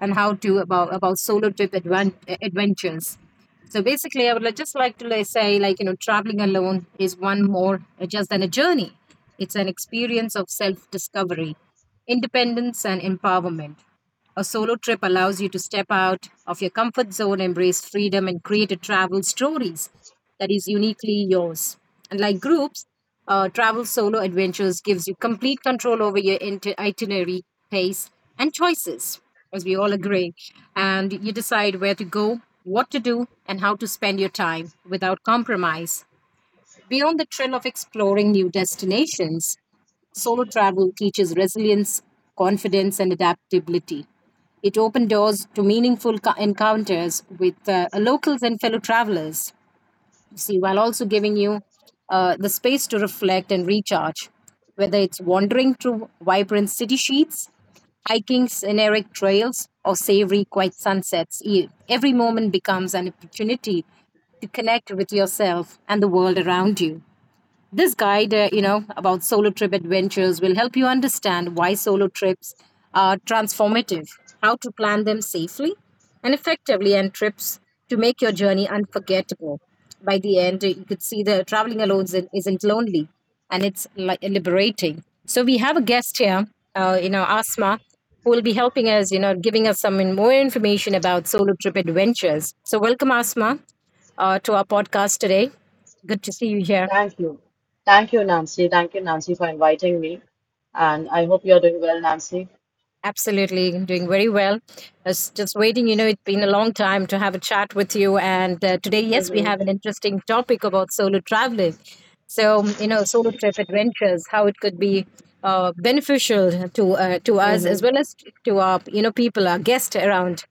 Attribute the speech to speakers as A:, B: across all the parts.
A: On how to about solo trip adventures. So basically, I would just like to like, say, like, traveling alone is one more just than a journey. It's an experience of self-discovery, independence, and empowerment. A solo trip allows you to step out of your comfort zone, embrace freedom, and create a travel stories that is uniquely yours. Unlike groups, travel solo adventures gives you complete control over your itinerary, pace, and choices, as we all agree. And you decide where to go, what to do, and how to spend your time without compromise. Beyond the thrill of exploring new destinations, solo travel teaches resilience, confidence, and adaptability. It opened doors to meaningful encounters with locals and fellow travelers, see, while also giving you the space to reflect and recharge. Whether it's wandering through vibrant city sheets, hiking scenic trails, or savory quiet sunsets, every moment becomes an opportunity to connect with yourself and the world around you. This guide, about solo trip adventures will help you understand why solo trips are transformative, how to plan them safely and effectively, and trips to make your journey unforgettable. By the end, you could see that traveling alone isn't lonely, and it's liberating. So we have a guest here, Asma, who will be helping us, giving us some more information about solo trip adventures. So welcome, Asma, to our podcast today. Good to see you here.
B: Thank you. Thank you, Nancy. Thank you, Nancy, for inviting me. And I hope you're doing well, Nancy.
A: Absolutely, doing very well. I was just waiting. It's been a long time to have a chat with you. And today, yes, we
B: Mm-hmm.
A: have an interesting topic about solo traveling. So, solo trip adventures, how it could be beneficial to us as
B: Mm-hmm.
A: well as to our people, our guests around.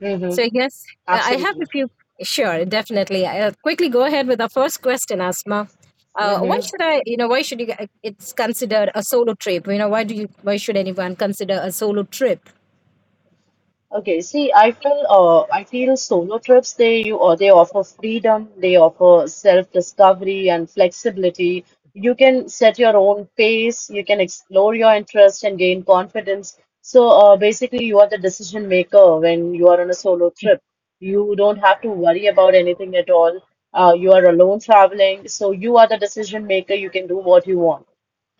B: Mm-hmm.
A: So I guess I have a
B: Absolutely.
A: few. Sure, definitely. I'll quickly go ahead with our first question, Asma. Why
B: Mm-hmm.
A: should I? Why should you? It's considered a solo trip. Why do you? Why should anyone consider a solo trip?
B: Okay, see, I feel solo trips they you or they offer freedom, they offer self-discovery and flexibility. You can set your own pace, you can explore your interests and gain confidence. So basically, you are the decision maker when you are on a solo trip. You don't have to worry about anything at all. You are alone traveling, so you are the decision maker. You can do what you want.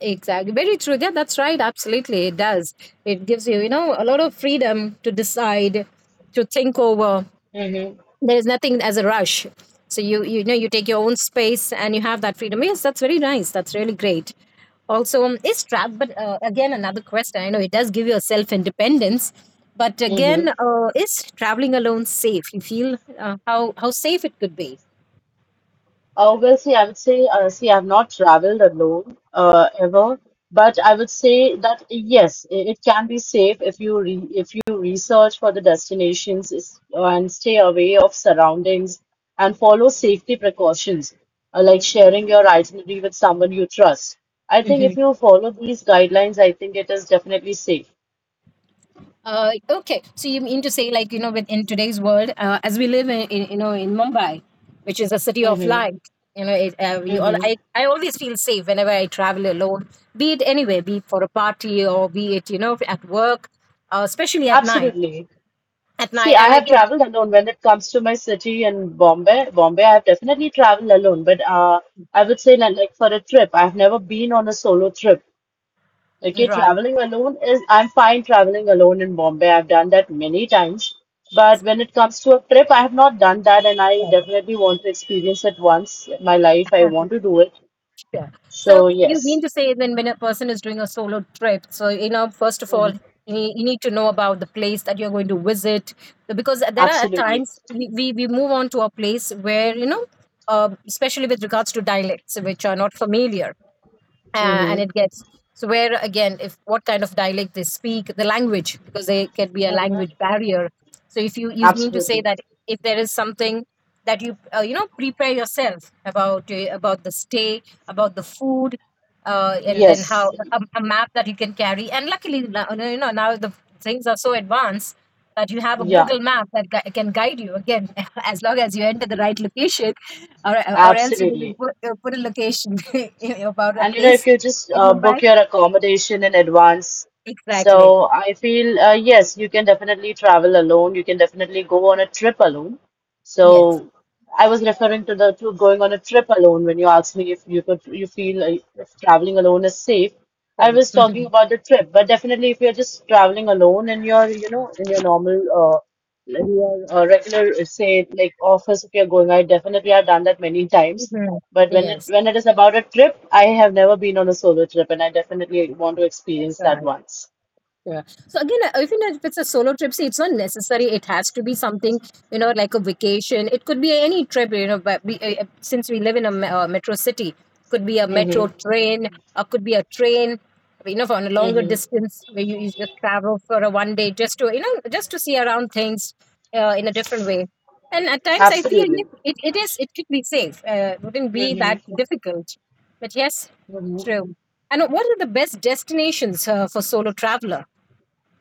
A: Exactly. Very true. Yeah, that's right. Absolutely, it does. It gives you, a lot of freedom to decide, to think. Over
B: Mm-hmm.
A: there is nothing as a rush, so you take your own space and you have that freedom. Yes, that's very nice. That's really great. Also, it's trap, but again, another question. I know it does give you a self independence, but again, is traveling alone safe, you feel? How safe it could be?
B: Oh, well, see, I would say, see, I've not traveled alone ever, but I would say that yes, it can be safe if you re if you research for the destinations and stay away of surroundings and follow safety precautions, like sharing your itinerary with someone you trust. I think
A: Mm-hmm.
B: if you follow these guidelines, I think it is definitely safe.
A: Okay, so you mean to say, like, within today's world, as we live in Mumbai, which is a city of
B: Mm-hmm.
A: light, you all,
B: Mm-hmm.
A: I always feel safe whenever I travel alone, be it anywhere, be it for a party or be it at work, especially at night.
B: Absolutely.
A: At
B: See,
A: night,
B: I
A: and
B: have
A: again,
B: traveled alone when it comes to my city in Bombay. Bombay, I have definitely traveled alone, but I would say like for a trip, I've never been on a solo trip. Okay,
A: right.
B: traveling alone is I'm fine traveling alone in Bombay. I've done that many times, but when it comes to a trip, I have not done that, and I
A: Right.
B: definitely want to experience it once in my life. I want to do it.
A: Sure. So
B: So
A: you
B: yes,
A: mean to say, then when a person is doing a solo trip, first of all,
B: Mhm.
A: you need to know about the place that you're going to visit, because there are at
B: absolutely.
A: times we move on to a place where especially with regards to dialects which are not familiar, and
B: Hmm
A: it gets so where again if what kind of dialect they speak the language, because there can be a
B: hmm.
A: language barrier. So if you mean to say
B: Absolutely.
A: that if there is something that you you know prepare yourself about, about the stay, about the food, and then how
B: Yes.
A: a map that you can carry. And luckily, now the things are so advanced that you have a
B: Yeah.
A: Google map that can guide you again, as long as you enter the right location, or or else you
B: Absolutely.
A: put a location about a
B: And if
A: place
B: you just
A: in Mumbai.
B: book your accommodation in advance,
A: Exactly.
B: so I feel yes, you can definitely travel alone. You can definitely go on a trip alone.
A: Yes.
B: So I was referring to the to going on a trip alone when you asked me if you feel if traveling alone is safe. I was talking
A: Mhm.
B: about the trip, but definitely if you're just traveling alone in your in your normal in your regular say like office if you're going, I definitely have done that many times.
A: Mhm.
B: But when it
A: Yes.
B: when it is about a trip, I have never been on a solo trip, and I definitely want to experience that once.
A: Yeah. So again, I if it's a solo trip, see, it's not necessary. It has to be something, like a vacation. It could be any trip. But we, since we live in a metro city, could be a metro
B: Mm-hmm.
A: train, or could be a train, for a longer
B: Mm-hmm.
A: distance where you just travel for a one day just to, just to see around things in a different way. And at times, I feel,
B: Absolutely.
A: yes, it could be safe. It wouldn't be
B: Mm-hmm.
A: that difficult. But yes, true. And what are the best destinations for solo traveler?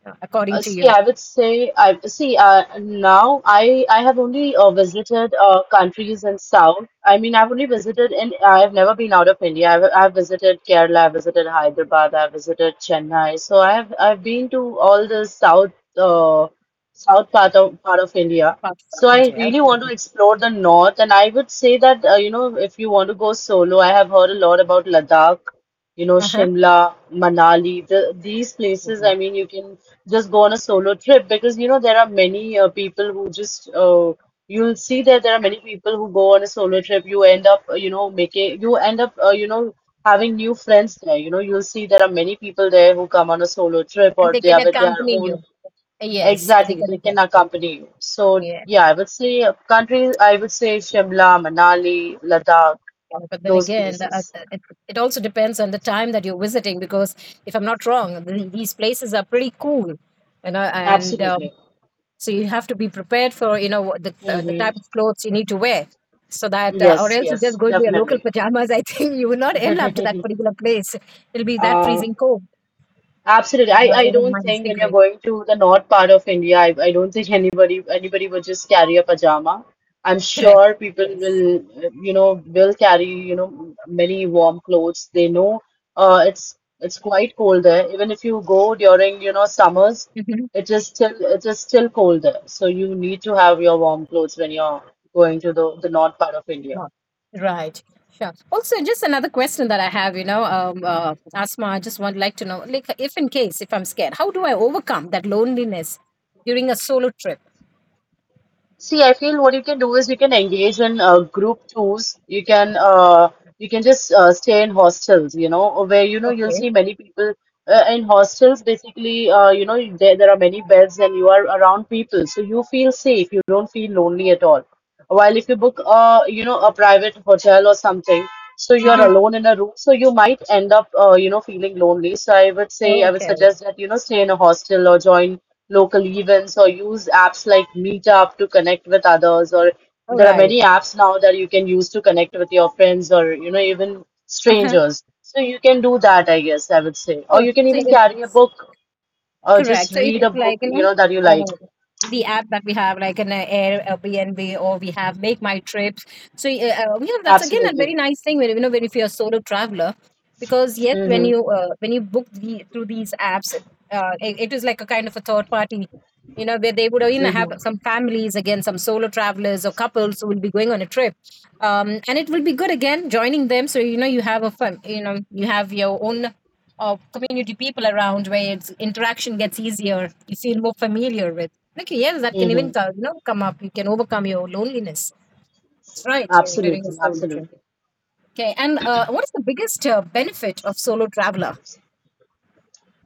A: Yeah, according to
B: See,
A: you,
B: I would say I see now I have only visited countries in South. I mean, I've only visited in I have never been out of India. I've visited Kerala, I've visited Hyderabad, I've visited Chennai. So I've been to all the South South part of India.
A: parts of
B: So I
A: India.
B: really
A: Okay.
B: want to explore the North, and I would say that you know if you want to go solo, I have heard a lot about Ladakh, you know,
A: Uh-huh.
B: Shimla, Manali, these places. I
A: Mhm.
B: mean, you can just go on a solo trip because you know there are many people who just you'll see that there are many people who go on a solo trip you end up you know making you end up you know having new friends there you know you'll see there are many people there who come on a solo trip
A: And
B: or
A: they
B: they
A: can
B: are with their
A: accompany
B: own
A: you. Yes, they
B: exactly
A: can
B: they can
A: accompany.
B: accompany you so
A: Yeah.
B: yeah I would say country I would say Shimla Manali Ladakh
A: But then
B: those
A: again,
B: places
A: it also depends on the time that you're visiting, because if I'm not wrong, these places are pretty cool, and
B: absolutely
A: so you have to be prepared for, what the
B: hmm
A: type of clothes you need to wear, so that, or
B: yes
A: else you
B: yes
A: just go into your local
B: definitely
A: pajamas. I think you will not end up to that particular place. It'll be that
B: uh,
A: freezing cold,
B: Absolutely. I, I
A: even
B: don't
A: minus
B: think when you're
A: degree.
B: going to the north part of India, I don't think anybody would just carry a pajama. I'm
A: Correct.
B: sure people
A: Yes.
B: will, you know, will carry, you know, many warm clothes. They know it's quite cold there. Even if you go during, you know, summers, it is still cold there. So you need to have your warm clothes when you're going to the north part of India.
A: Right. Right. Sure. Also, just another question that I have, Asma, I just would like to know, like, if in case, if I'm scared, how do I overcome that loneliness during a solo trip?
B: See, I feel what you can do is you can engage in group tours. You can just stay in hostels, you know, where you know you'll
A: Okay.
B: see many people in hostels. Basically, you know, there are many beds and you are around people, so you feel safe. You don't feel lonely at all. While if you book a you know a private hotel or something, so you're
A: Mm-hmm.
B: alone in a room, so you might end up you know feeling lonely. So I would say
A: Oh,
B: I would
A: okay.
B: suggest that you know stay in a hostel or join local events or use apps like Meetup to connect with others. Or
A: All
B: there are
A: right.
B: many apps now that you can use to connect with your friends or, you know, even
A: Uh-huh.
B: strangers. So you can do that, I guess, I would say. Or
A: Oh,
B: you can
A: so
B: even carry a
A: it's
B: book or just
A: correct. So it,
B: read a
A: it's
B: book,
A: like,
B: you know, that you like.
A: uh, the app that we have, like an Airbnb, or we have Make My Trips. So yeah, that's again a very
B: Absolutely.
A: nice thing when when if you're a solo traveler, because yes, when
B: Mm-hmm.
A: you uh, when you book the, through these apps, it is like a kind of a third party. You know where they would even
B: Mm-hmm.
A: have some families, again, some solo travelers or couples who will be going on a trip, and it will be good again joining them. So you have a fun, you have your own of community people around where it's, interaction gets easier, you feel more familiar with, okay, yes, that can
B: Mm-hmm.
A: even come, come up, you can overcome your loneliness. That's right. Yeah, during a
B: Absolutely.
A: solo trip.
B: Absolutely.
A: Okay. And what is the biggest benefit of solo traveler?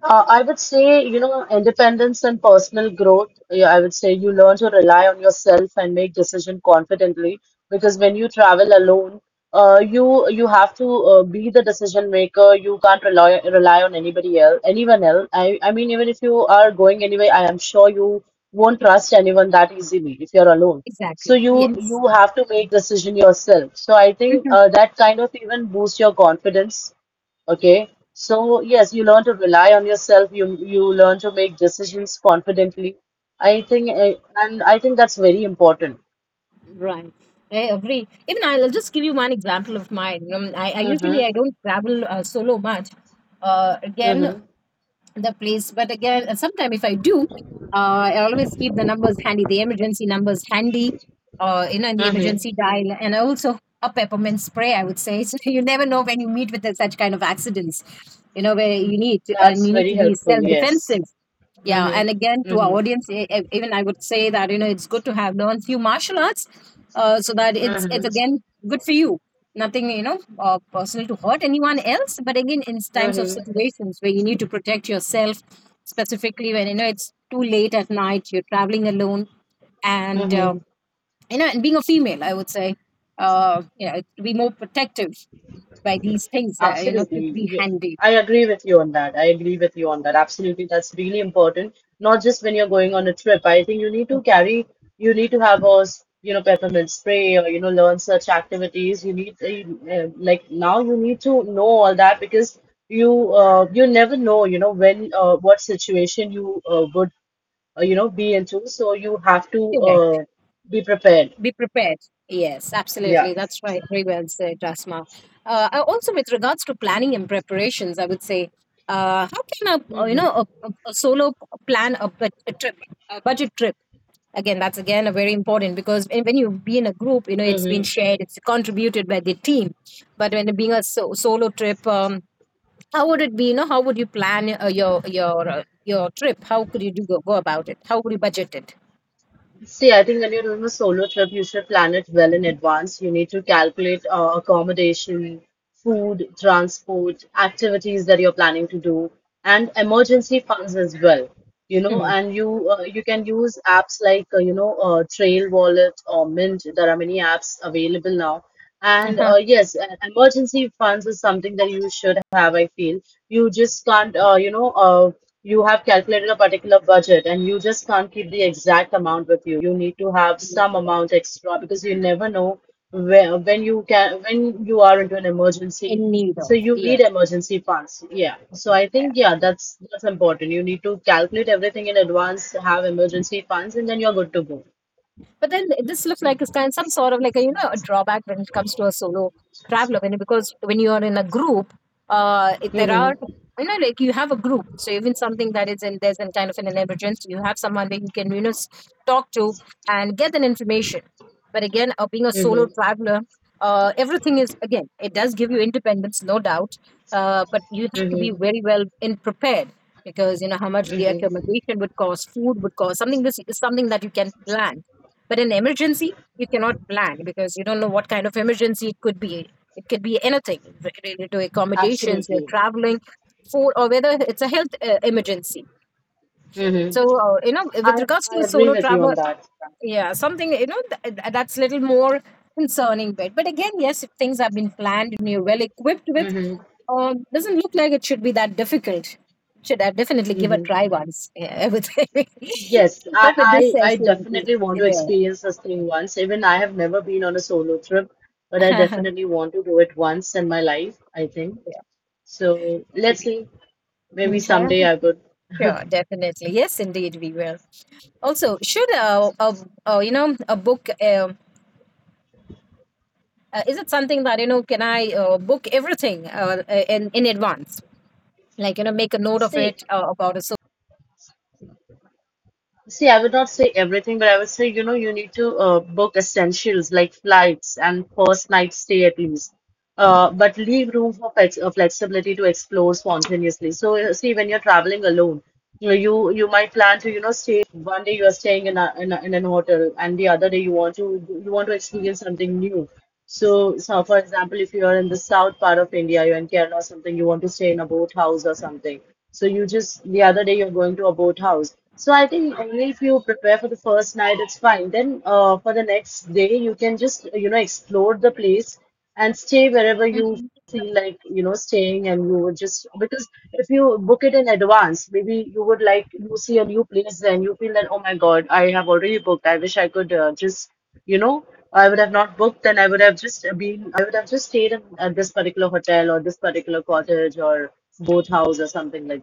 B: I would say, you know, independence and personal growth. Yeah, I would say you learn to rely on yourself and make decision confidently because when you travel alone, you you have to be the decision maker. You can't rely on anybody else, anyone else. I mean, even if you are going anyway, I am sure you won't trust anyone that easily if you're alone. So
A: Exactly. Yes.
B: you have to make decision yourself. So I think
A: Mhm.
B: that kind of even boosts your confidence. Okay. So yes, you learn to rely on yourself. You learn to make decisions confidently. I think, and I think that's very important.
A: Right, I agree. Even I'll just give you one example of mine. I
B: Mm-hmm.
A: usually I don't travel solo much. Again,
B: Mm-hmm.
A: the place. But again, sometimes if I do, I always keep the emergency numbers handy, in the
B: Mm-hmm.
A: emergency dial, and also a peppermint spray. I would say so. You never know when you meet with such kind of accidents, where you need to, and
B: That's
A: you need
B: very
A: to be self
B: helpful. Yes.
A: defensive. Yeah, and again,
B: Mm-hmm.
A: to our
B: Mm-hmm.
A: audience, even I would say that it's good to have learned few martial arts, so that it's
B: Mm-hmm.
A: again good for you, nothing personal to hurt anyone else. But again, in times of
B: Mm-hmm.
A: situations where you need to protect yourself, specifically when it's too late at night, you're traveling alone. And
B: Mm-hmm.
A: and being a female, I would say, to be more protective by these things that to
B: Absolutely.
A: be
B: You,
A: handy.
B: I agree with you on that. I agree with you on that. Absolutely. That's really important. Not just when you're going on a trip. I think you need to carry, you need to have a, you know, peppermint spray or, you know, learn such activities. You need, like now you need to know all that because you, you never know, you know, when, what situation you, would, you know, be into. So you have to,
A: Okay.
B: be prepared.
A: Be prepared. Yes,
B: Yeah.
A: absolutely. That's right. Very well said, Rasma. Also, with regards to planning and preparations, I would say, how can a uh, you know
B: Mm-hmm.
A: a, a a solo plan a trip, a budget trip? Again, that's again a very important because when you be in a group, you know it's been
B: Mm-hmm.
A: shared, it's contributed by the team. But when being a solo trip, how would it be? You know, how would you plan your trip? How could you do go about it? How would you budget it?
B: See, I think when you're doing a solo trip, you should plan it well in advance. You need to calculate accommodation, food, transport, activities that you're planning to do, and emergency funds as well. You know,
A: Hmm.
B: and you you can use apps like you know Trail Wallet or Mint. There are many apps available now. And yes, emergency funds is something that you should have, I feel. You just can't, you know, you have calculated a particular budget and you just can't keep the exact amount with you. You need to have some
A: Uh-huh.
B: amount extra because you never know where when you can when you are into an emergency.
A: En need
B: So
A: of,
B: you need
A: yes.
B: emergency funds. Yeah. So I think yeah, that's important. You need to calculate everything in advance, have emergency funds, and then you're good to go.
A: But then this looks like it's kind some sort of like a a drawback when it comes to a solo traveler when, because when you are in a group, if there are
B: Mm-hmm.
A: like you have a group, so even something that is in there's an kind of an emergency, you have someone that you can talk to and get an information. But again, being a solo
B: Mm-hmm.
A: traveler, everything is, again, it does give you independence, no doubt. But you have to be
B: Mm-hmm.
A: very well in prepared because you know how much the
B: Mm-hmm.
A: accommodation would cost, food would cost. Something, this is something that you can plan, but in emergency, you cannot plan because you don't know what kind of emergency it could be. It could be anything related to accommodations, you're
B: Absolutely.
A: traveling, food, or whether it's a health emergency.
B: Mm-hmm.
A: So, with
B: I
A: regards
B: I
A: to the
B: agree
A: solo
B: with you on
A: traveler,
B: that.
A: yeah, something, you know, that's little more concerning bit. But again, yes, if things have been planned and you're well equipped with,
B: Mm-hmm.
A: doesn't look like it should be that difficult. Should I definitely give a
B: Mm-hmm.
A: try once? Yeah, I would say.
B: Yes,
A: Hope with this
B: I I
A: session.
B: definitely want to experience this thing once. Even I have never been on a solo trip, but I
A: Yeah.
B: definitely want to do it once in my life, I think. So let's see. Maybe someday
A: Mhm.
B: I would.
A: Sure, definitely. Yes, indeed, we will. Also, should you know a book is it something that you know, can I book everything in advance? Like you know, make a note of
B: See,
A: it about a
B: See, I would not say everything, but I would say, you know, you need to book essentials like flights and first night stay at least. But leave room for flexibility to explore spontaneously. So, see, when you're traveling alone, you know, you might plan to, you know, stay one day you are staying in a, in an hotel, and the other day you want to experience something new. So, so for example, if you are in the south part of India, you're in Kerala or something, you want to stay in a boathouse or something. So you just the other day you're going to a boathouse. So I think only if you prepare for the first night, it's fine. Then for the next day, you can just you know explore the place and stay wherever you
A: Mhm.
B: feel like you know staying, and you would just because if you book it in advance, maybe you would like you see a new place, then you feel that oh my God, I have already booked. I wish I could just you know I would have not booked and I would have just been I would have just stayed in at this particular hotel or this particular cottage or boat house or something like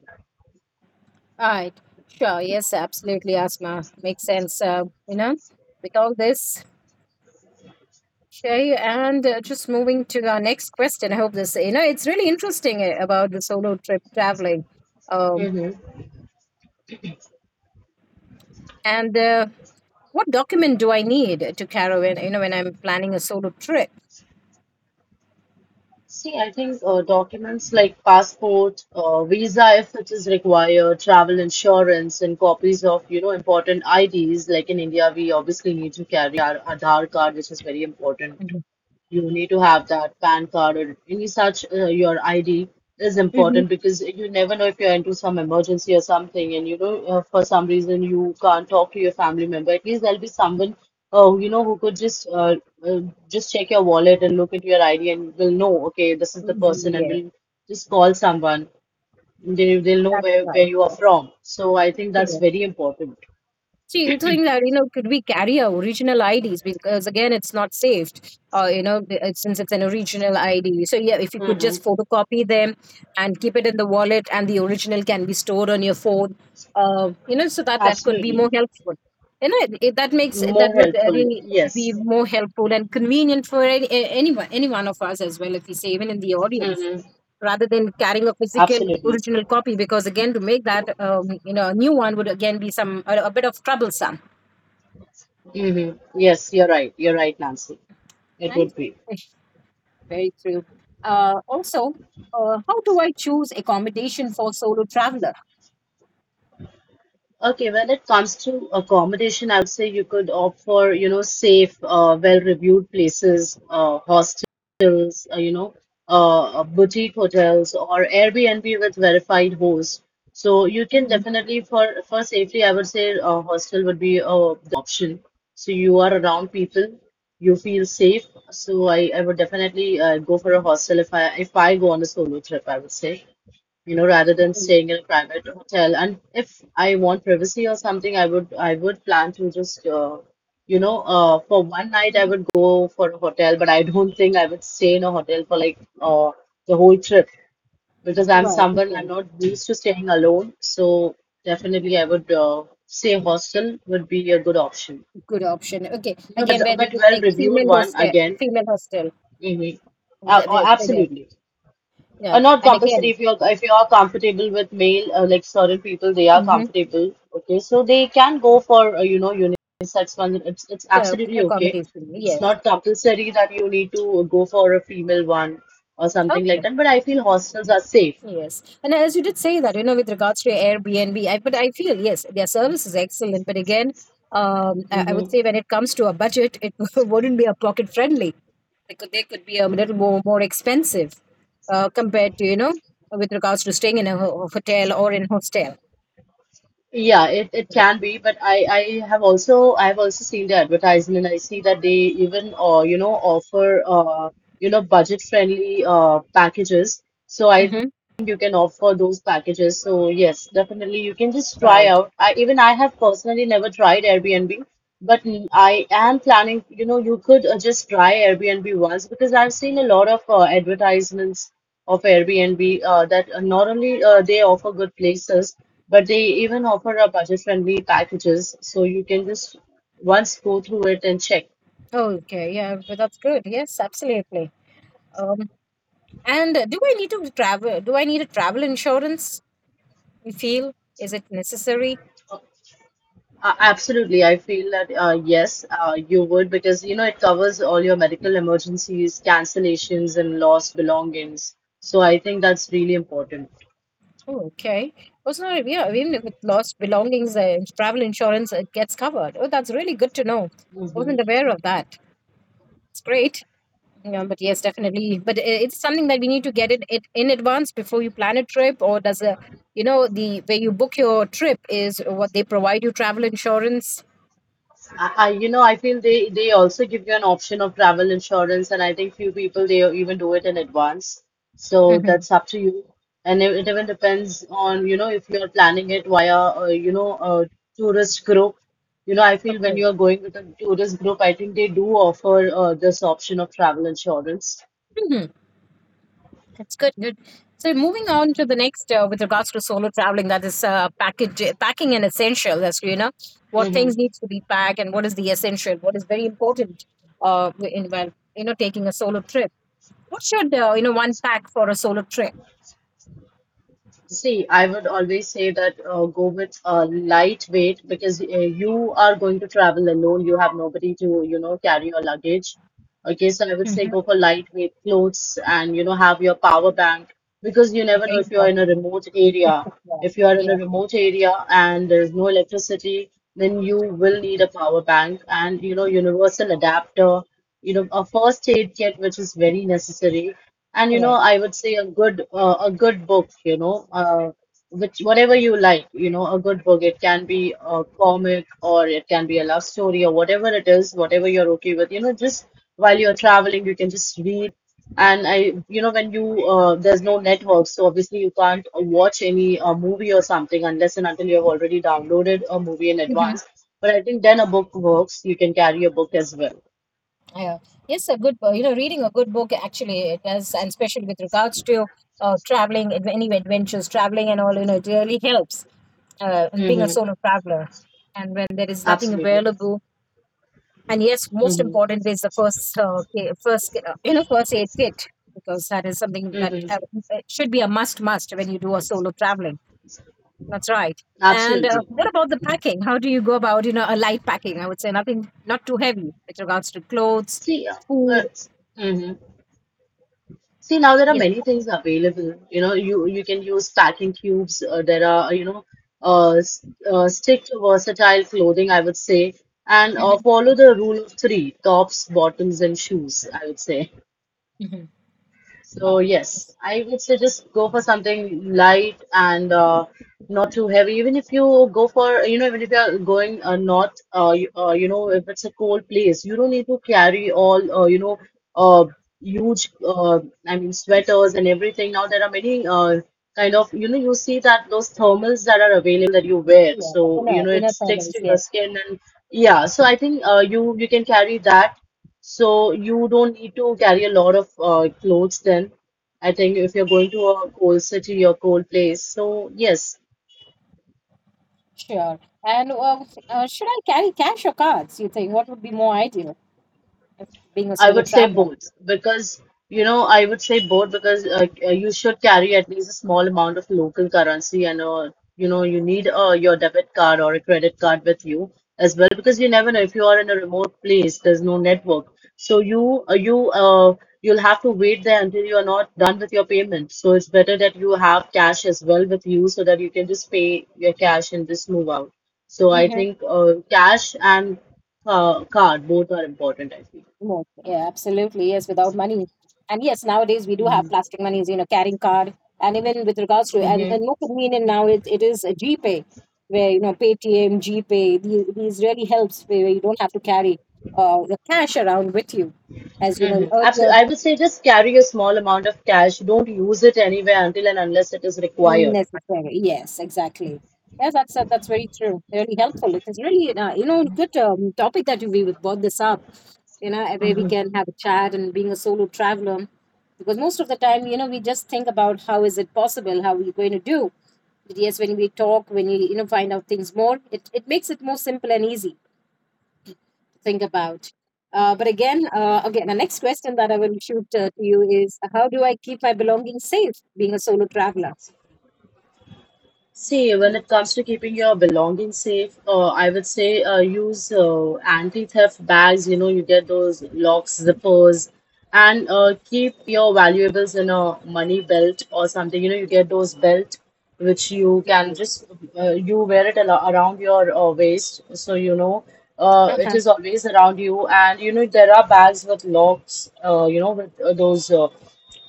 A: Right. Sure. Yes, absolutely, Asma. Makes sense. You know, with all this, Shay, and just moving to our next question. I hope this, you know, it's really interesting about the solo trip traveling. Um,
B: that. Hmm.
A: and What document do I need to carry when, you know, when I'm planning a solo trip?
B: See, I think documents like passport, visa if it is required, travel insurance and copies of, you know, important IDs. Like in India we obviously need to carry our Aadhar card, which is very important.
A: Mhm.
B: You need to have that PAN card or any such, your ID is
A: Mhm.
B: important because you never know if you're into some emergency or something, and you know, for some reason you can't talk to your family member. At least there'll be someone, you know, who could uh, just check your wallet and look into your ID and will know, okay, this is the person, and
A: Yes,
B: will just call someone. They'll know
A: that's
B: where
A: right.
B: you are
A: Yes.
B: from. So I think that's
A: Yes.
B: very important.
A: See, you think that you know, could we carry our original IDs, because again it's not saved, you know, since it's an original ID. So yeah, if you could just
B: Hmm.
A: photocopy them and keep it in the wallet, and the original can be stored on your phone, you know, so that that could be
B: Absolutely.
A: more helpful. You know, that makes, that
B: More
A: would
B: helpful.
A: really be
B: Yes.
A: more helpful and convenient for any, anyone, any one of us as well, if we say even in the audience,
B: Hmm.
A: rather than carrying a physical
B: Absolutely.
A: original copy, because again, to make that you know, a new one would again be some a bit of troublesome,
B: Hmm. Yes, you're right. You're right, Nancy. It
A: right
B: would be.
A: Ish, very true. Also, how do I choose accommodation for solo traveler?
B: Okay, when it comes to accommodation, I say you could opt for, you know, safe, well-reviewed places, hostels, boutique hotels or Airbnb with verified hosts. So you can
A: Mhm.
B: definitely for safety, I would say a hostel would be option. So you are around people, you feel safe. So I would definitely go for a hostel. If I go on a solo trip, I would say, you know, rather than staying in a private hotel. And if I want privacy or something, I would plan to just for one night I
A: Mhm.
B: would go for a hotel, but I don't think I would stay in a hotel for like the whole trip because I'm
A: Right.
B: someone,
A: Okay,
B: I'm not used to staying alone. So definitely I would say hostel would be a good option.
A: good option. Okay,
B: You know,
A: again,
B: but
A: where there is
B: well
A: like a
B: reviewed
A: female
B: one
A: hostel,
B: again.
A: female hostel,
B: Hmm. Oh,
A: female,
B: absolutely.
A: yeah,
B: Not
A: and
B: compulsory.
A: again
B: If you're if you are comfortable with male, like certain people they are
A: mhm,
B: comfortable, okay, so they can go for you know, unisex one. It's absolutely okay.
A: accommodation,
B: It's
A: yes,
B: not compulsory that you need to go for a female one or something like
A: okay.
B: that, but I feel hostels are safe.
A: Yes. And as you did say that, you know, with regards to Airbnb, I, but I feel, yes, their service is excellent. But again, I would
B: Mm-hmm.
A: say when it comes to a budget, it wouldn't be a pocket friendly. They could be a little more, more expensive compared to, you know, with regards to staying in a hotel or in hostel.
B: Yeah, it can be, but I've also seen the advertisement. I see that they even you know offer you know budget friendly packages. So I think
A: Mm-hmm.
B: you can offer those packages. So yes, definitely you can just try
A: Right.
B: out. I have personally never tried Airbnb, but I am planning, you know, you could just try Airbnb once, because I've seen a lot of advertisements of Airbnb that not only they offer good places but they even offer a budget-friendly packages, so you can just once go through it and check.
A: Okay. Yeah. But that's good. Yes, absolutely. Um, and Do I need to travel? Do I need a travel insurance? You feel? Is it necessary?
B: Absolutely, I feel that yes, you would, because you know it covers all your medical emergencies, cancellations, and lost belongings. So I think that's really important.
A: Oh, okay. Wasn't, yeah, even with lost belongings, travel insurance gets covered. Oh, that's really good to know. I
B: Mhm.
A: wasn't aware of that. It's great. Yeah, but yes, definitely. But it's something that we need to get it in advance before you plan a trip, or does a, you know, the where you book your trip is what they provide you travel insurance.
B: You know, I feel they also give you an option of travel insurance, and I think few people they even do it in advance. So
A: Mm-hmm.
B: that's up to you, and it even depends on, you know, if you are planning it via you know a tourist group. You know, I feel when
A: Okay.
B: you are going with a tourist group, I think they do offer this option of travel insurance.
A: Mhm. That's good. Good. So moving on to the next, with regards to solo traveling, that is package packing and essential. As you know, what things needs to be packed and what is the essential, what is very important, in well, you know, taking a solo trip. What should you know, one pack for a solo trip?
B: See, I would always say that go with lightweight because you are going to travel alone. You have nobody to, you know, carry your luggage. Okay, so I would say
A: Hmm.
B: go for lightweight clothes and, you know, have your power bank because you never know
A: Very
B: if you're in a
A: important.
B: remote area.
A: Yeah.
B: If you are in a
A: Yes.
B: remote area and there's no electricity, then you will need a power bank and, you know, universal adapter, you know, a first aid kit, which is very necessary, and you know,
A: Correct.
B: I would say a good book, you know, which whatever you like, you know, a good book. It can be a comic or it can be a love story or whatever it is, whatever you're okay with. You know, just while you're traveling, you can just read. And I, you know, when you there's no network, so obviously you can't watch any movie or something unless and until you have already downloaded a movie in
A: Mm-hmm.
B: advance. But I think then a book works. You can carry a book as well.
A: Yeah. Yes, a good, you know, reading a good book, actually it does, and especially with regards to traveling, any adventures, traveling and all, you know, it really helps. And being a
B: Mm-hmm.
A: solo traveler, and when there is nothing
B: Absolutely.
A: available, and yes, most
B: Mm-hmm.
A: important is the first, you know, first aid kit, because that is something that
B: Mm-hmm.
A: it should be a must when you do a solo traveling. That's right. And
B: Absolutely.
A: what about the packing? How do you go about, you know, a light packing? I would say nothing, not too heavy with regards to clothes.
B: See, uh,
A: Food
B: mhm. See, now there are
A: Yes.
B: many things available. You know, you can use packing cubes. There are, you know, uh, s- stick to versatile clothing, I would say, and
A: Mm-hmm.
B: follow the rule of three, tops, bottoms, and shoes, I would say.
A: Mm-hmm.
B: So
A: Uh,
B: yes,
A: yes.
B: I would say just go for something light and not too heavy. Even if you go for, you know, even if you're going not, you, you know, if it's a cold place, you don't need to carry all, you know, uh, huge, I mean, sweaters and everything. Now there are many kind of, you know, you see that those thermals that are available that you wear.
A: Yeah, but
B: So, you know,
A: in
B: it
A: a
B: sticks
A: families,
B: to your
A: yes.
B: skin and yeah. So I think you can carry that so you don't need to carry a lot of clothes then. I think if you're going to a cold city or cold place. So yes,
A: Sure. And should I carry cash or cards? You think what would be more ideal if being a
B: I
A: solo
B: would say
A: traveler?
B: both, because you know I would say both because you should carry at least a small amount of local currency and you know you need your debit card or a credit card with you as well, because you never know if you are in a remote place there's no network, so you'll have to wait there until you are not done with your payment. So it's better that you have cash as well with you, so that you can just pay your cash and just move out. So I
A: Mm-hmm.
B: think cash and card both are important, I feel.
A: No, yeah, absolutely. Yes, without money. And yes, nowadays we do have plastic monies, you know, carrying card. And even with regards to, and,
B: Mm-hmm.
A: and more convenient now, it is a GPay, where, you know, Paytm, GPay, these really helps, where you don't have to carry the cash around with you. As you know,
B: Mm-hmm.
A: earlier
B: Absolutely. I would say just carry a small amount of cash. Don't use it anywhere until and unless it is required.
A: Necessary. Yes, exactly. Yeah, that's very true. Really helpful. It is really you know, good topic that you we would brought this up. You know, where we can have a chat and being a solo traveler, because most of the time you know, we just think about how is it possible, how are you going to do. But yes, when we talk, when you know, find out things more, it makes it more simple and easy to think about. But again, the next question that I will shoot to you is, how do I keep my belongings safe being a solo traveler?
B: See, when it comes to keeping your belongings safe, I would say use anti-theft bags. You know, you get those locks, zippers, and keep your valuables in a money belt or something. You know, you get those belt which you can just you wear it al around your waist, so you know it is always around you. And you know, there are bags with locks. You know, with those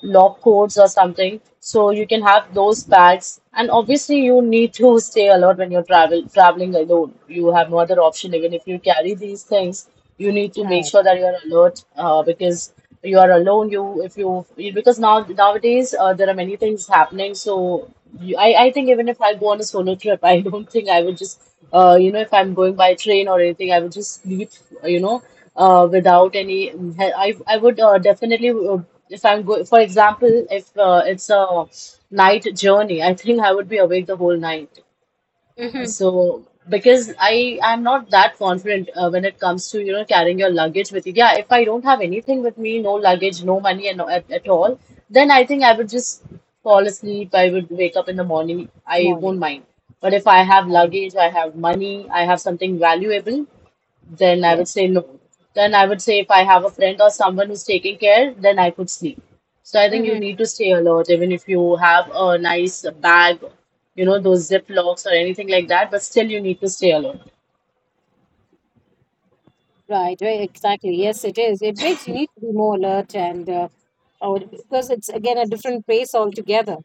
B: lab coats or something. So you can have those bags. And obviously, you need to stay alert when you're traveling alone. You have no other option. Even if you carry these things, you need to make
A: Uh-huh.
B: sure that you're alert because you are alone. You if you because now nowadays there are many things happening. So you, I think even if I go on a solo trip, I don't think I would just you know, if I'm going by train or anything, I would just sleep. You know without any, I would definitely, if I'm going, for example, if it's a night journey, I think I would be awake the whole night.
A: Hmm,
B: So, because I'm not that confident when it comes to, you know, carrying your luggage with you. Yeah, if I don't have anything with me, no luggage, no money, and no, at all, then I think I would just fall asleep. I would wake up in the morning. I
A: morning.
B: won't mind. But if I
A: And
B: have
A: morning.
B: luggage, I have money, I have something valuable, then I would
A: Yes.
B: say no. Then I would say if I have a friend or someone who's taking care, then I could sleep. So I think you
A: Hmm.
B: need to stay alert, even if you have a nice bag, you know, those zip locks or anything like that, but still you need to stay alert.
A: Right, right, exactly. Yes, it is. It makes you need to be more alert and or because it's again a different pace altogether.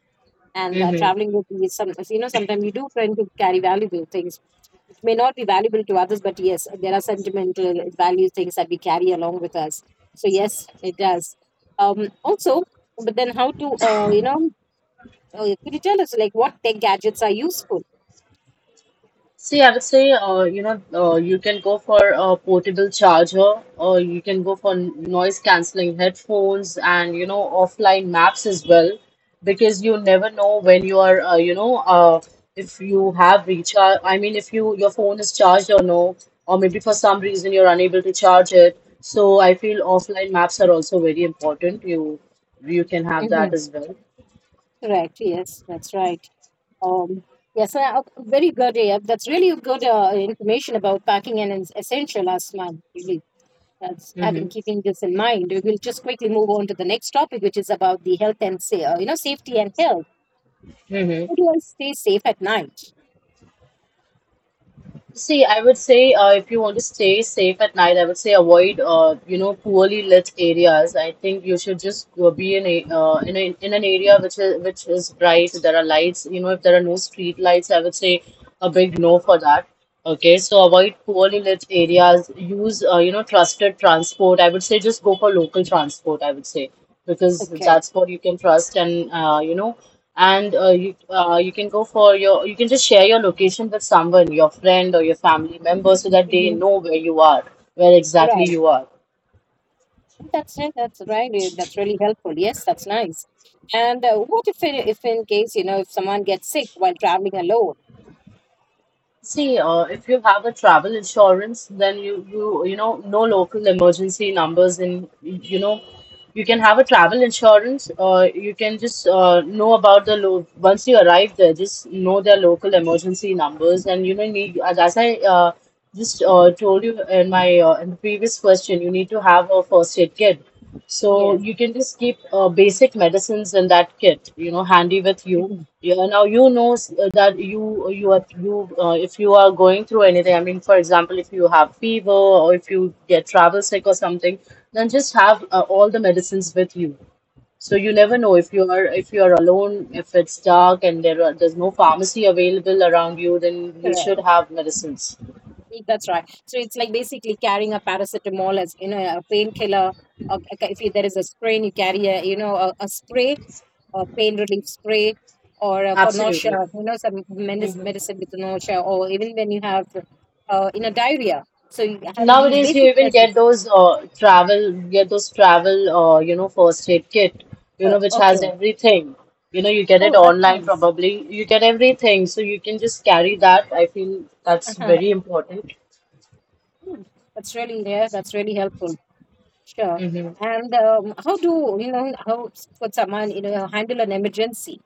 A: And
B: Hmm.
A: traveling with be some you know, sometimes you do tend to carry valuable things which may not be valuable to others, but yes, there are sentimental value things that we carry along with us. So yes, it does. Also, but then how to could you tell us like what tech gadgets are useful?
B: See, I would say, you know, you can go for a portable charger, or you can go for noise cancelling headphones and, you know, offline maps as well, because you never know when you are, you know, if you have recharge, I mean, if you your phone is charged or no, or maybe for some reason you're unable to charge it. So I feel offline maps are also very important. You can have
A: Hmm.
B: that as well.
A: Correct. Yes, that's right. Um, yes, ok- very good. Yeah, that's really good information about packing and is essential last month. Really, that's
B: Mm-hmm.
A: having keeping this in mind. We will just quickly move on to the next topic, which is about the health and say, you know, safety and health. How
B: Mm-hmm.
A: do I stay safe at night?
B: See, I would say if you want to stay safe at night, I would say avoid you know poorly lit areas. I think you should just go be in a in an area which is bright. There are lights. You know, if there are no street lights, I would say a big no for that. Okay, so avoid poorly lit areas. Use, trusted transport. I would say just go for local transport, I would say, because
A: Okay,
B: that's what you can trust and, and you can just share your location with someone, your friend or your family member, so that they
A: hmm,
B: know where you are, where exactly
A: right.
B: you are.
A: That's it. That's right. That's really helpful. Yes, that's nice. And what if, if in case you know, if someone gets sick while traveling alone?
B: See, if you have a travel insurance, then you know no local emergency numbers, and you can have a travel insurance. You can just know about the lo once you arrive there, just know their local emergency numbers, and need as I uh, just told you in the previous question, you need to have a first aid kit. So
A: Yes.
B: you can just keep basic medicines in that kit, handy with you
A: Hmm.
B: yeah, now you know that you you are you if you are going through anything. I mean, for example, if you have fever or if you get travel sick or something, then just have all the medicines with you. So you never know if you are alone, if it's dark and there's no pharmacy available around you, then you should
A: Correct.
B: have medicines.
A: That's right. So it's like basically carrying a paracetamol as you know, a painkiller. Or if you, there is a sprain, you carry a you know, a spray, a pain relief spray, or for nausea,
B: Absolutely.
A: you know, some medicine,
B: Mm-hmm.
A: medicine with nausea, or even when you have in a diarrhea. So you having these
B: Nowadays, you
A: basic
B: even
A: lessons.
B: get those travel, first aid kit, which has
A: Okay.
B: everything. You get it
A: Oh, that's
B: online
A: nice.
B: probably. You get everything, so you can just carry that. I feel that's
A: Uh-huh.
B: very important.
A: Hmm. That's really, yeah. That's really helpful. Sure. And how do you know, how could someone you know, handle an emergency?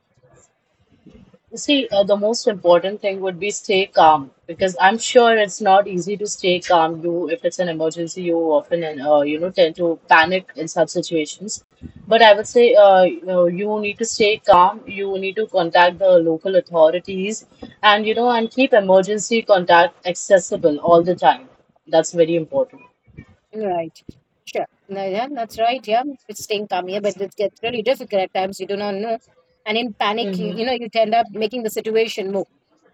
B: See, the most important thing would be stay calm because I'm sure it's not easy to stay calm. If it's an emergency, you often tend to panic in such situations. But I would say you need to stay calm. You need to contact the local authorities and and keep emergency contact accessible all the time. That's very important.
A: Right. Sure. No, yeah, that's right. Yeah, it's staying calm here, but it gets really difficult at times. You do not know, and in panic,
B: Hmm.
A: you know, you end up making the situation more,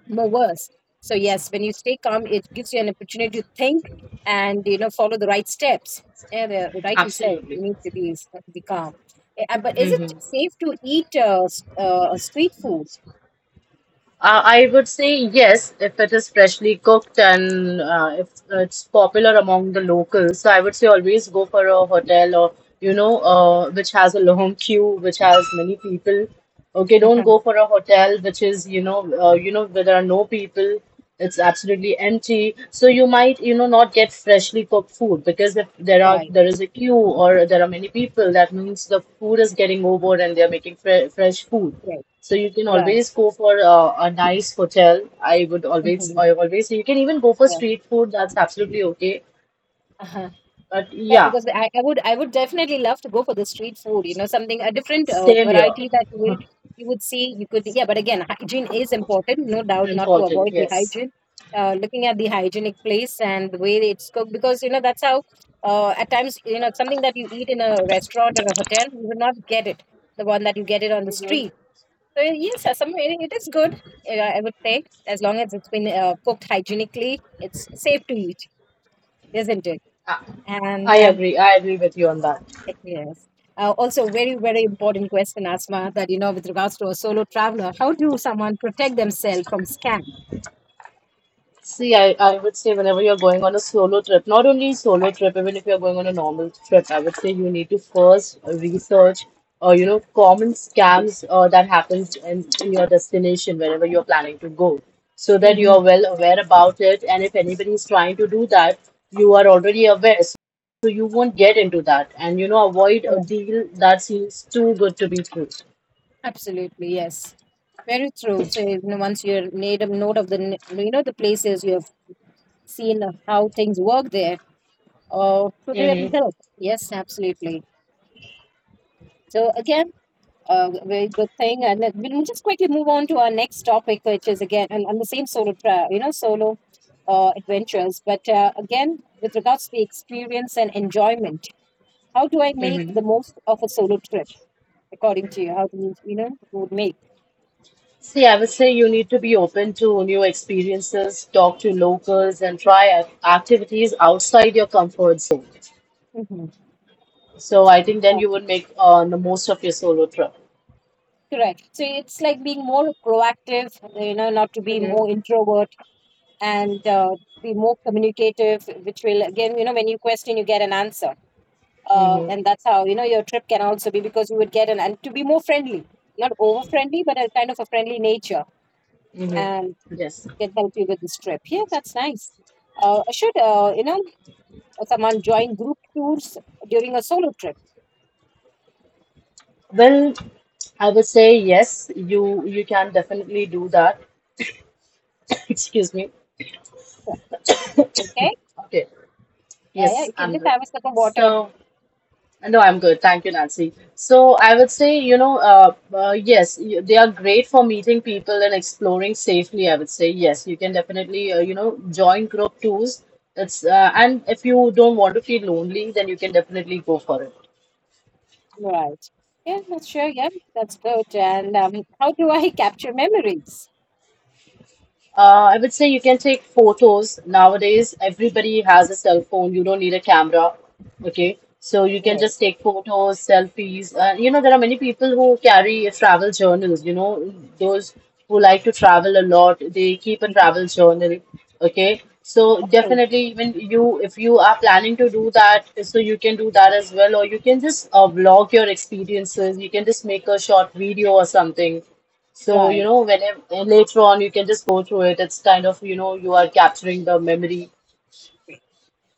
A: more worse. So yes, when you stay calm, it gives you an opportunity to think and you know, follow the right steps. Yeah, the rightly said. You
B: Absolutely.
A: need to be be calm. But is it
B: Mm-hmm.
A: safe to eat street food?
B: I would say yes if it is freshly cooked and if it's popular among the locals. So I would say always go for a hotel or which has a long queue, which has many people. Okay, don't go
A: Mhm.
B: for a hotel which is where there are no people. It's absolutely empty. So you might not get freshly cooked food because if
A: Right.
B: there is a queue or there are many people, that means the food is getting over and they are making fresh food.
A: Right.
B: So you can
A: Right.
B: always go for a nice hotel.
A: Mhm.
B: I always, you can even go for
A: Yeah.
B: street food. That's absolutely okay.
A: Uh-huh.
B: But
A: Yeah,
B: yeah,
A: because I would I would definitely love to go for the street food. You know, something a different
B: same here.
A: variety that you would see. You could, yeah, but again, hygiene is important, no doubt. Not to
B: Important.
A: avoid the
B: Yes.
A: hygiene. Looking at the hygienic place and the way it's cooked, because you know, that's how at times you know, something that you eat in a restaurant or a hotel, you will not get it the one that you get it on the
B: Mhm.
A: street. So yes, some it it is good. I would say as long as it's been cooked hygienically, it's safe to eat, isn't it?
B: I
A: And
B: I agree. I agree with you on that.
A: Yes. Also, very, very important question, Asma, that, you know, with regards to a solo traveler, how do someone protect themselves from scam?
B: See, I would say whenever you're going on a solo trip, not only solo trip, even if you're going on a normal trip, I would say you need to first research, common scams that happens in your destination wherever you're planning to go, so that you
A: Mm-hmm.
B: are well aware about it. And if anybody is trying to do that, you are already aware, so you won't get into that. And avoid a
A: Correct.
B: deal that seems too good to be true.
A: Absolutely. Yes. Very true. So you know, once you made a note of the, you know, the places you have seen how things work there, or could really
B: Mm-hmm.
A: help. Yes, absolutely. So again, very good thing, and then we'll just quickly move on to our next topic, which is again on the same solo, you know, solo adventures. But again, with regards to the experience and enjoyment, how do I make the most of a solo trip? According to you, how do you, you know, you would make?
B: See, I would say you need to be open to new experiences, talk to locals, and try activities outside your comfort zone.
A: Mhm.
B: So I think then
A: Yeah,
B: you would make the most of your solo trip.
A: correct. So it's like being more proactive, you know, not to be more
B: Mm-hmm.
A: introvert and be more communicative, which will again, you know, when you question, you get an answer
B: Mm-hmm.
A: and that's how you know your trip can also be because you would get an and to be more friendly, not over friendly, but a kind of a friendly nature
B: Mm-hmm.
A: and
B: Yes.
A: can help you with this trip. Yeah, that's nice. Should you know someone join group tours during a solo trip?
B: Well, I would say yes. You can definitely do that. Excuse me.
A: Yeah, okay,
B: Okay.
A: yeah, yeah,
B: Yes,
A: you can
B: I'm
A: just
B: good.
A: have a sip of
B: So,
A: water,
B: no, I'm good. Thank you, Nancy. So I would say, yes, they are great for meeting people and exploring safely. I would say, yes, you can definitely, join group tours. It's and if you don't want to feel lonely, then you can definitely go for it.
A: right? Yeah, that's sure. Yeah, that's good. And how do I capture memories?
B: I would say you can take photos. Nowadays, everybody has a cell phone. You don't need a camera. Okay. So you can
A: Yeah.
B: just take photos, selfies. There are many people who carry travel journals. Those who like to travel a lot, they keep a
A: Mhm.
B: travel journal. Okay. So
A: Okay.
B: definitely, even you, if you are planning to do that, so you can do that as well, or you can just vlog your experiences. You can just make a short video or something so, you
A: Right.
B: know, whenever later on you can just go through it. It's kind of, you are capturing the memory.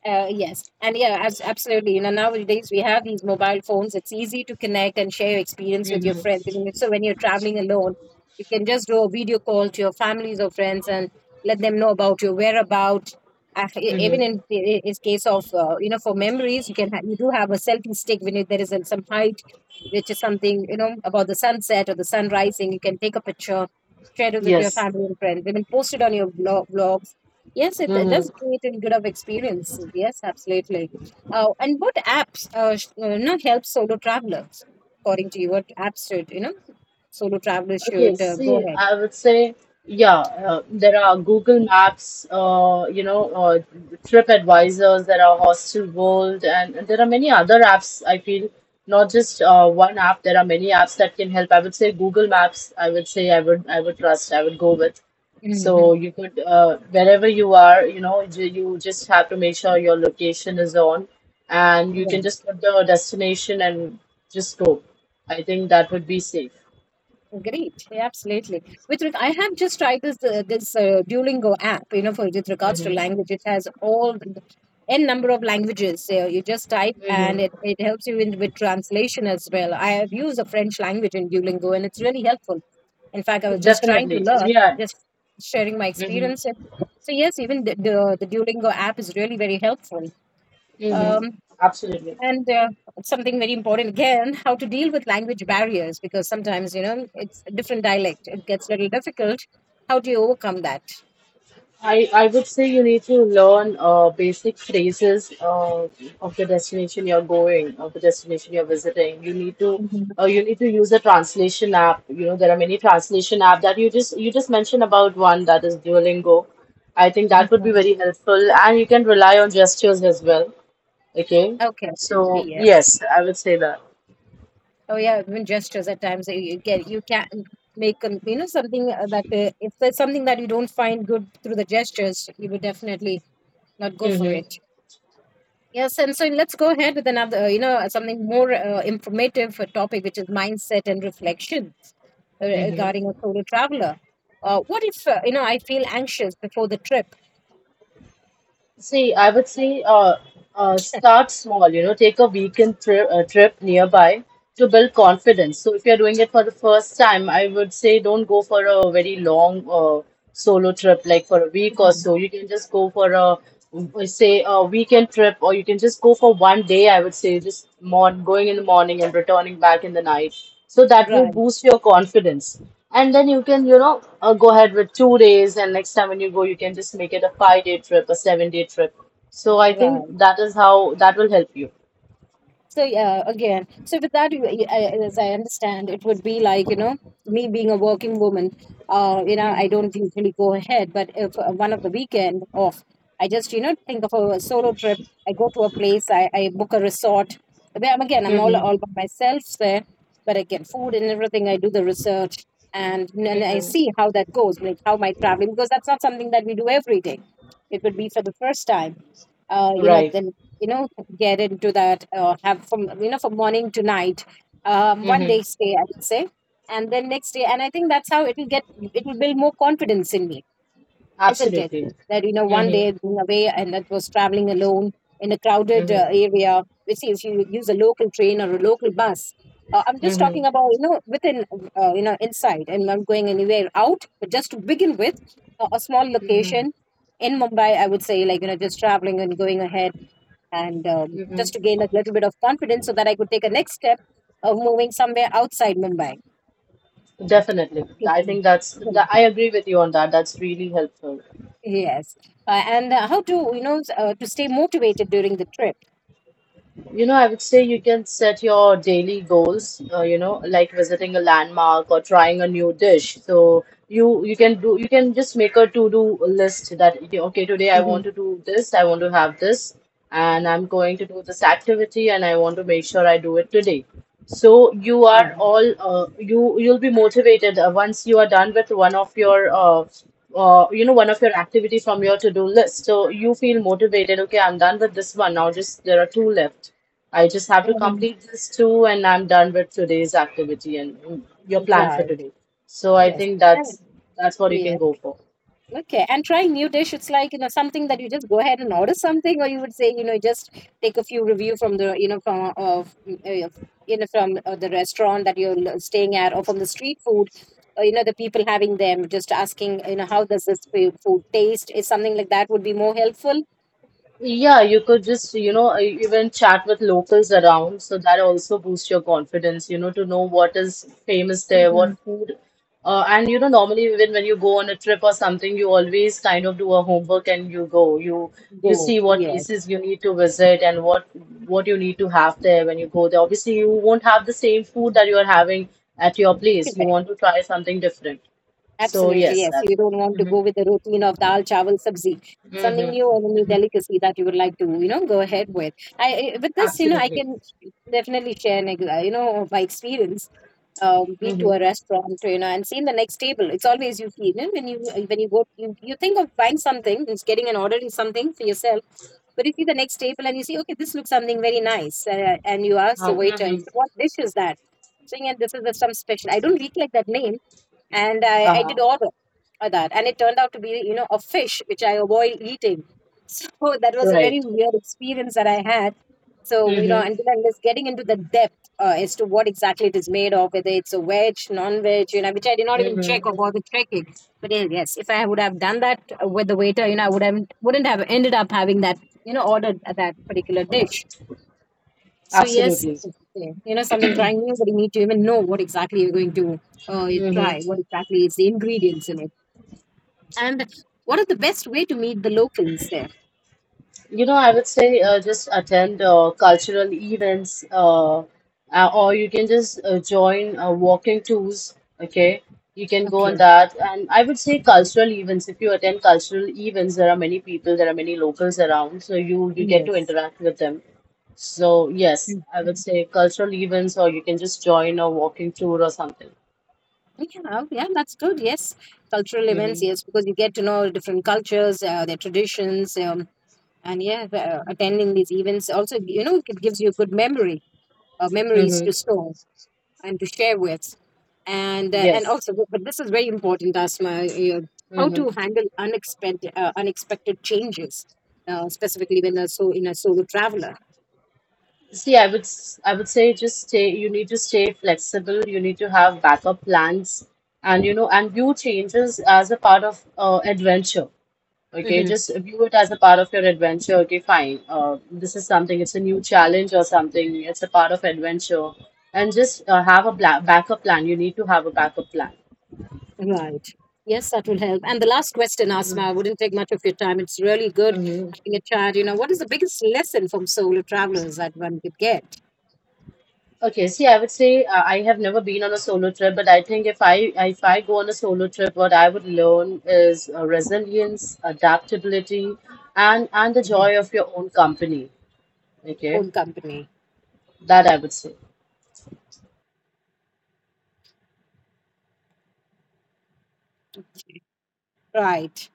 A: Yes, and yeah, absolutely. You know, nowadays we have these mobile phones. It's easy to connect and share your experience with your
B: Mm-hmm.
A: friends. I mean, so when you're traveling alone, you can just do a video call to your families or friends and let them know about your whereabouts. Even
B: Mm-hmm.
A: in case of you know, for memories, you can ha- you do have a selfie stick when you, there is some height, which is something you know about the sunset or the sun rising. You can take a picture, share it with your
B: Yes.
A: family and friends. I mean, post it on your blog. Yes, it does
B: Mm-hmm.
A: create a good of experience. Yes, absolutely. And what apps you know, help solo travelers? According to you, what apps should you know solo travelers
B: Okay,
A: should go
B: see,
A: ahead?
B: I would say, yeah, there are Google Maps, Trip Advisors. There are Hostel World, and there are many other apps. I feel not just one app. There are many apps that can help. I would say Google Maps. I would say I would trust. I would go with.
A: Mm-hmm.
B: So you could wherever you are, you just have to make sure your location is on, and you can
A: Right.
B: just put the destination and just go. I think that would be safe.
A: Great. Yeah, absolutely. I have just tried this this Duolingo app. You know, for with regards to
B: Mm-hmm.
A: language, it has all the n number of languages. So you just type, and
B: Mm-hmm.
A: it helps you in with translation as well. I have used the French language in Duolingo, and it's really helpful. In fact, I was just trying to
B: Definitely.
A: learn,
B: Yeah.
A: just sharing my
B: Mm-hmm.
A: experience. And so yes, even the Duolingo app is really very helpful.
B: Mm-hmm.
A: Um,
B: Absolutely.
A: and something very important again, how to deal with language barriers, because sometimes you know it's a different dialect. It gets a little difficult. How do you overcome that?
B: I would say you need to learn basic phrases of the destination you're going, of the destination you're visiting. You need to
A: Mhm.
B: uh, you need to use a translation app. There are many translation app that you just mentioned about one that is Duolingo. I think that would be very helpful, and you can rely on gestures as well. Okay.
A: Okay.
B: So
A: Yes.
B: yes, I would say that.
A: Oh yeah, even gestures at times you get you can make an you know something that if there's something that you don't find good through the gestures, you would definitely not go for it.
B: Mm-hmm.
A: Yes, and so let's go ahead with another, you know, something more informative topic, which is mindset and reflections regarding
B: Mm-hmm.
A: a solo traveler. What if, you know, I feel anxious before the trip?
B: See, I would say start small, take a weekend trip, a trip nearby to build confidence. So if you're doing it for the first time, I would say don't go for a very long solo trip, like for a week or
A: Mhm.
B: so. You can just go for a, we say, a weekend trip, or you can just go for one day, I would say, just morn going in the morning and returning back in the night. So that will
A: Right,
B: boost your confidence. And then you can, go ahead with 2 days, and next time when you go, you can just make it a 5-day trip, a 7-day trip. So I think
A: right.
B: that is how that will help you.
A: So yeah, again, so with that, as I understand, it would be like you know me being a working woman. You know, I
B: Mm-hmm,
A: don't usually go ahead, but if one of the weekend off, I just you know think of a solo trip. I go to a place, I book a resort. Where I'm again, I'm all
B: mm-hmm,
A: all by myself there, but I get food and everything. I do the research and I
B: mm-hmm.
A: see how that goes, like how my traveling because that's not something that we do every day. It would be for the first time you know,
B: Right.
A: then you know, get into that have from you know from morning to night one
B: Mm-hmm.
A: day stay I would say, and then next day, and I think that's how it will get, it will build more confidence in me, isn't it,
B: Absolutely.
A: that you know one
B: Mm-hmm,
A: day being away and that was traveling alone in a crowded
B: mm-hmm,
A: area, which see if you use a local train or a local bus. I'm just
B: mm-hmm,
A: talking about you know within you know inside and not going anywhere out, but just to begin with a small
B: mm-hmm,
A: location in Mumbai I would say, like you know just traveling and going ahead and just to
B: mm-hmm.
A: gain a little bit of confidence so that I could take a next step of moving somewhere outside Mumbai.
B: Definitely. I
A: Mhm.
B: think
A: Mhm.
B: I agree with you on that. That's really helpful.
A: Yes, and how to you know to stay motivated during the trip.
B: I would say you can set your daily goals, like visiting a landmark or trying a new dish. So you can do you can just make a to-do list that okay, okay, today I
A: Hmm.
B: want to do this, I want to have this, and I'm going to do this activity and I want to make sure I do it today. So
A: Yeah.
B: you'll be motivated once you are done with one of your activity from your to-do list. So you feel motivated, okay, I'm done with this one. Now just there are two left. I just have to
A: Hmm.
B: complete this too, and I'm done with today's activity and your plan for
A: Right.
B: today. So I
A: Yes.
B: think
A: And-
B: that's what you can
A: yes.
B: go for.
A: Okay, and trying new dish, it's like, you know, something that you just go ahead and order something, or you would say, you know, just take a few review from the, you know, from of, you know, from the restaurant that you're staying at, or from the street food, or, you know, the people having them, just asking, you know, how does this food taste? Is something like that would be more helpful?
B: Yeah, you could just, even chat with locals around. So that also boosts your confidence, to know what is famous there,
A: Hmm.
B: what food. And, normally even when you go on a trip or something, you always kind of do a homework and you go. You
A: Go,
B: see what
A: yeah,
B: places you need to visit and what you need to have there when you go there. Obviously, you won't have the same food that you are having at your place. You
A: correct.
B: want to try something different. So
A: Absolutely,
B: yes,
A: yes.
B: that.
A: You don't want to
B: Hmm.
A: go with the routine of dal, chawal, sabzi. Something new and a new
B: Hmm.
A: delicacy that you would like to, you know, go ahead with. With this, you know, I
B: Absolutely.
A: can definitely share an, you know, my experience. Been to a restaurant, you know, and seen the next table. It's always you feel you know, when you go, you think of buying something, it's getting an order in something for yourself. But you see the next table and you see, okay, this looks something very nice, and you ask the waiter,
B: Mm-hmm.
A: what dish is that? Saying, and this is the, some special. I don't recollect that name, and I
B: Uh-huh.
A: did order that, and it turned out to be you know a fish which I avoid eating. So that was a
B: Right.
A: very weird experience that I had. So you know
B: Mm-hmm.
A: until I'm just getting into the depth as to what exactly it is made of, whether it's a veg non-veg, you know, which I did not even check
B: Mm-hmm.
A: or bother checking, but yes, if I would have done that with the waiter, you know, I would have wouldn't have ended up having that, you know, ordered that particular dish. So yes,
B: Absolutely.
A: okay. You know something trying new, but you need to even know what exactly you're going to you try,
B: Mm-hmm.
A: what exactly is the ingredients in it, and what is the best way to meet the locals there.
B: I would say just attend cultural events, or you can just join walking tours. Okay, you can go on
A: Okay.
B: that. And I would say cultural events. If you attend cultural events, there are many people, there are many locals around, so you get to
A: Yes.
B: interact with them. So yes,
A: Mhm.
B: I would say cultural events, or you can just join a walking tour or something.
A: Yeah, oh, yeah, that's good. Yes, cultural events.
B: Mm-hmm.
A: Yes, because you get to know different cultures, their traditions, and yeah, attending these events also, you know, it gives you good memory, memories to
B: Mm-hmm.
A: store and to share with. And and
B: Yes.
A: also, but this is very important, Asma, you know, how
B: Mm-hmm.
A: to handle unexpected changes specifically when a so in a solo traveler.
B: See, I would say just stay. You need to stay flexible. You need to have backup plans, and and view changes as a part of adventure. Okay,
A: Hmm.
B: just view it as a part of your adventure. Okay, fine. This is something. It's a new challenge or something. It's a part of adventure, and just have a bla backup plan. You need to have a backup plan.
A: Right. Yes, that will help. And the last question, Asma, I wouldn't take much of your time, it's really good
B: Mhm.
A: having a chat. You know, what is the biggest lesson from solo travelers that one could get?
B: Okay, see, I would say I have never been on a solo trip, but I think if I go on a solo trip, what I would learn is resilience, adaptability, and the
A: Mhm.
B: joy of your own company. Okay,
A: Own company,
B: that I would say.
A: right.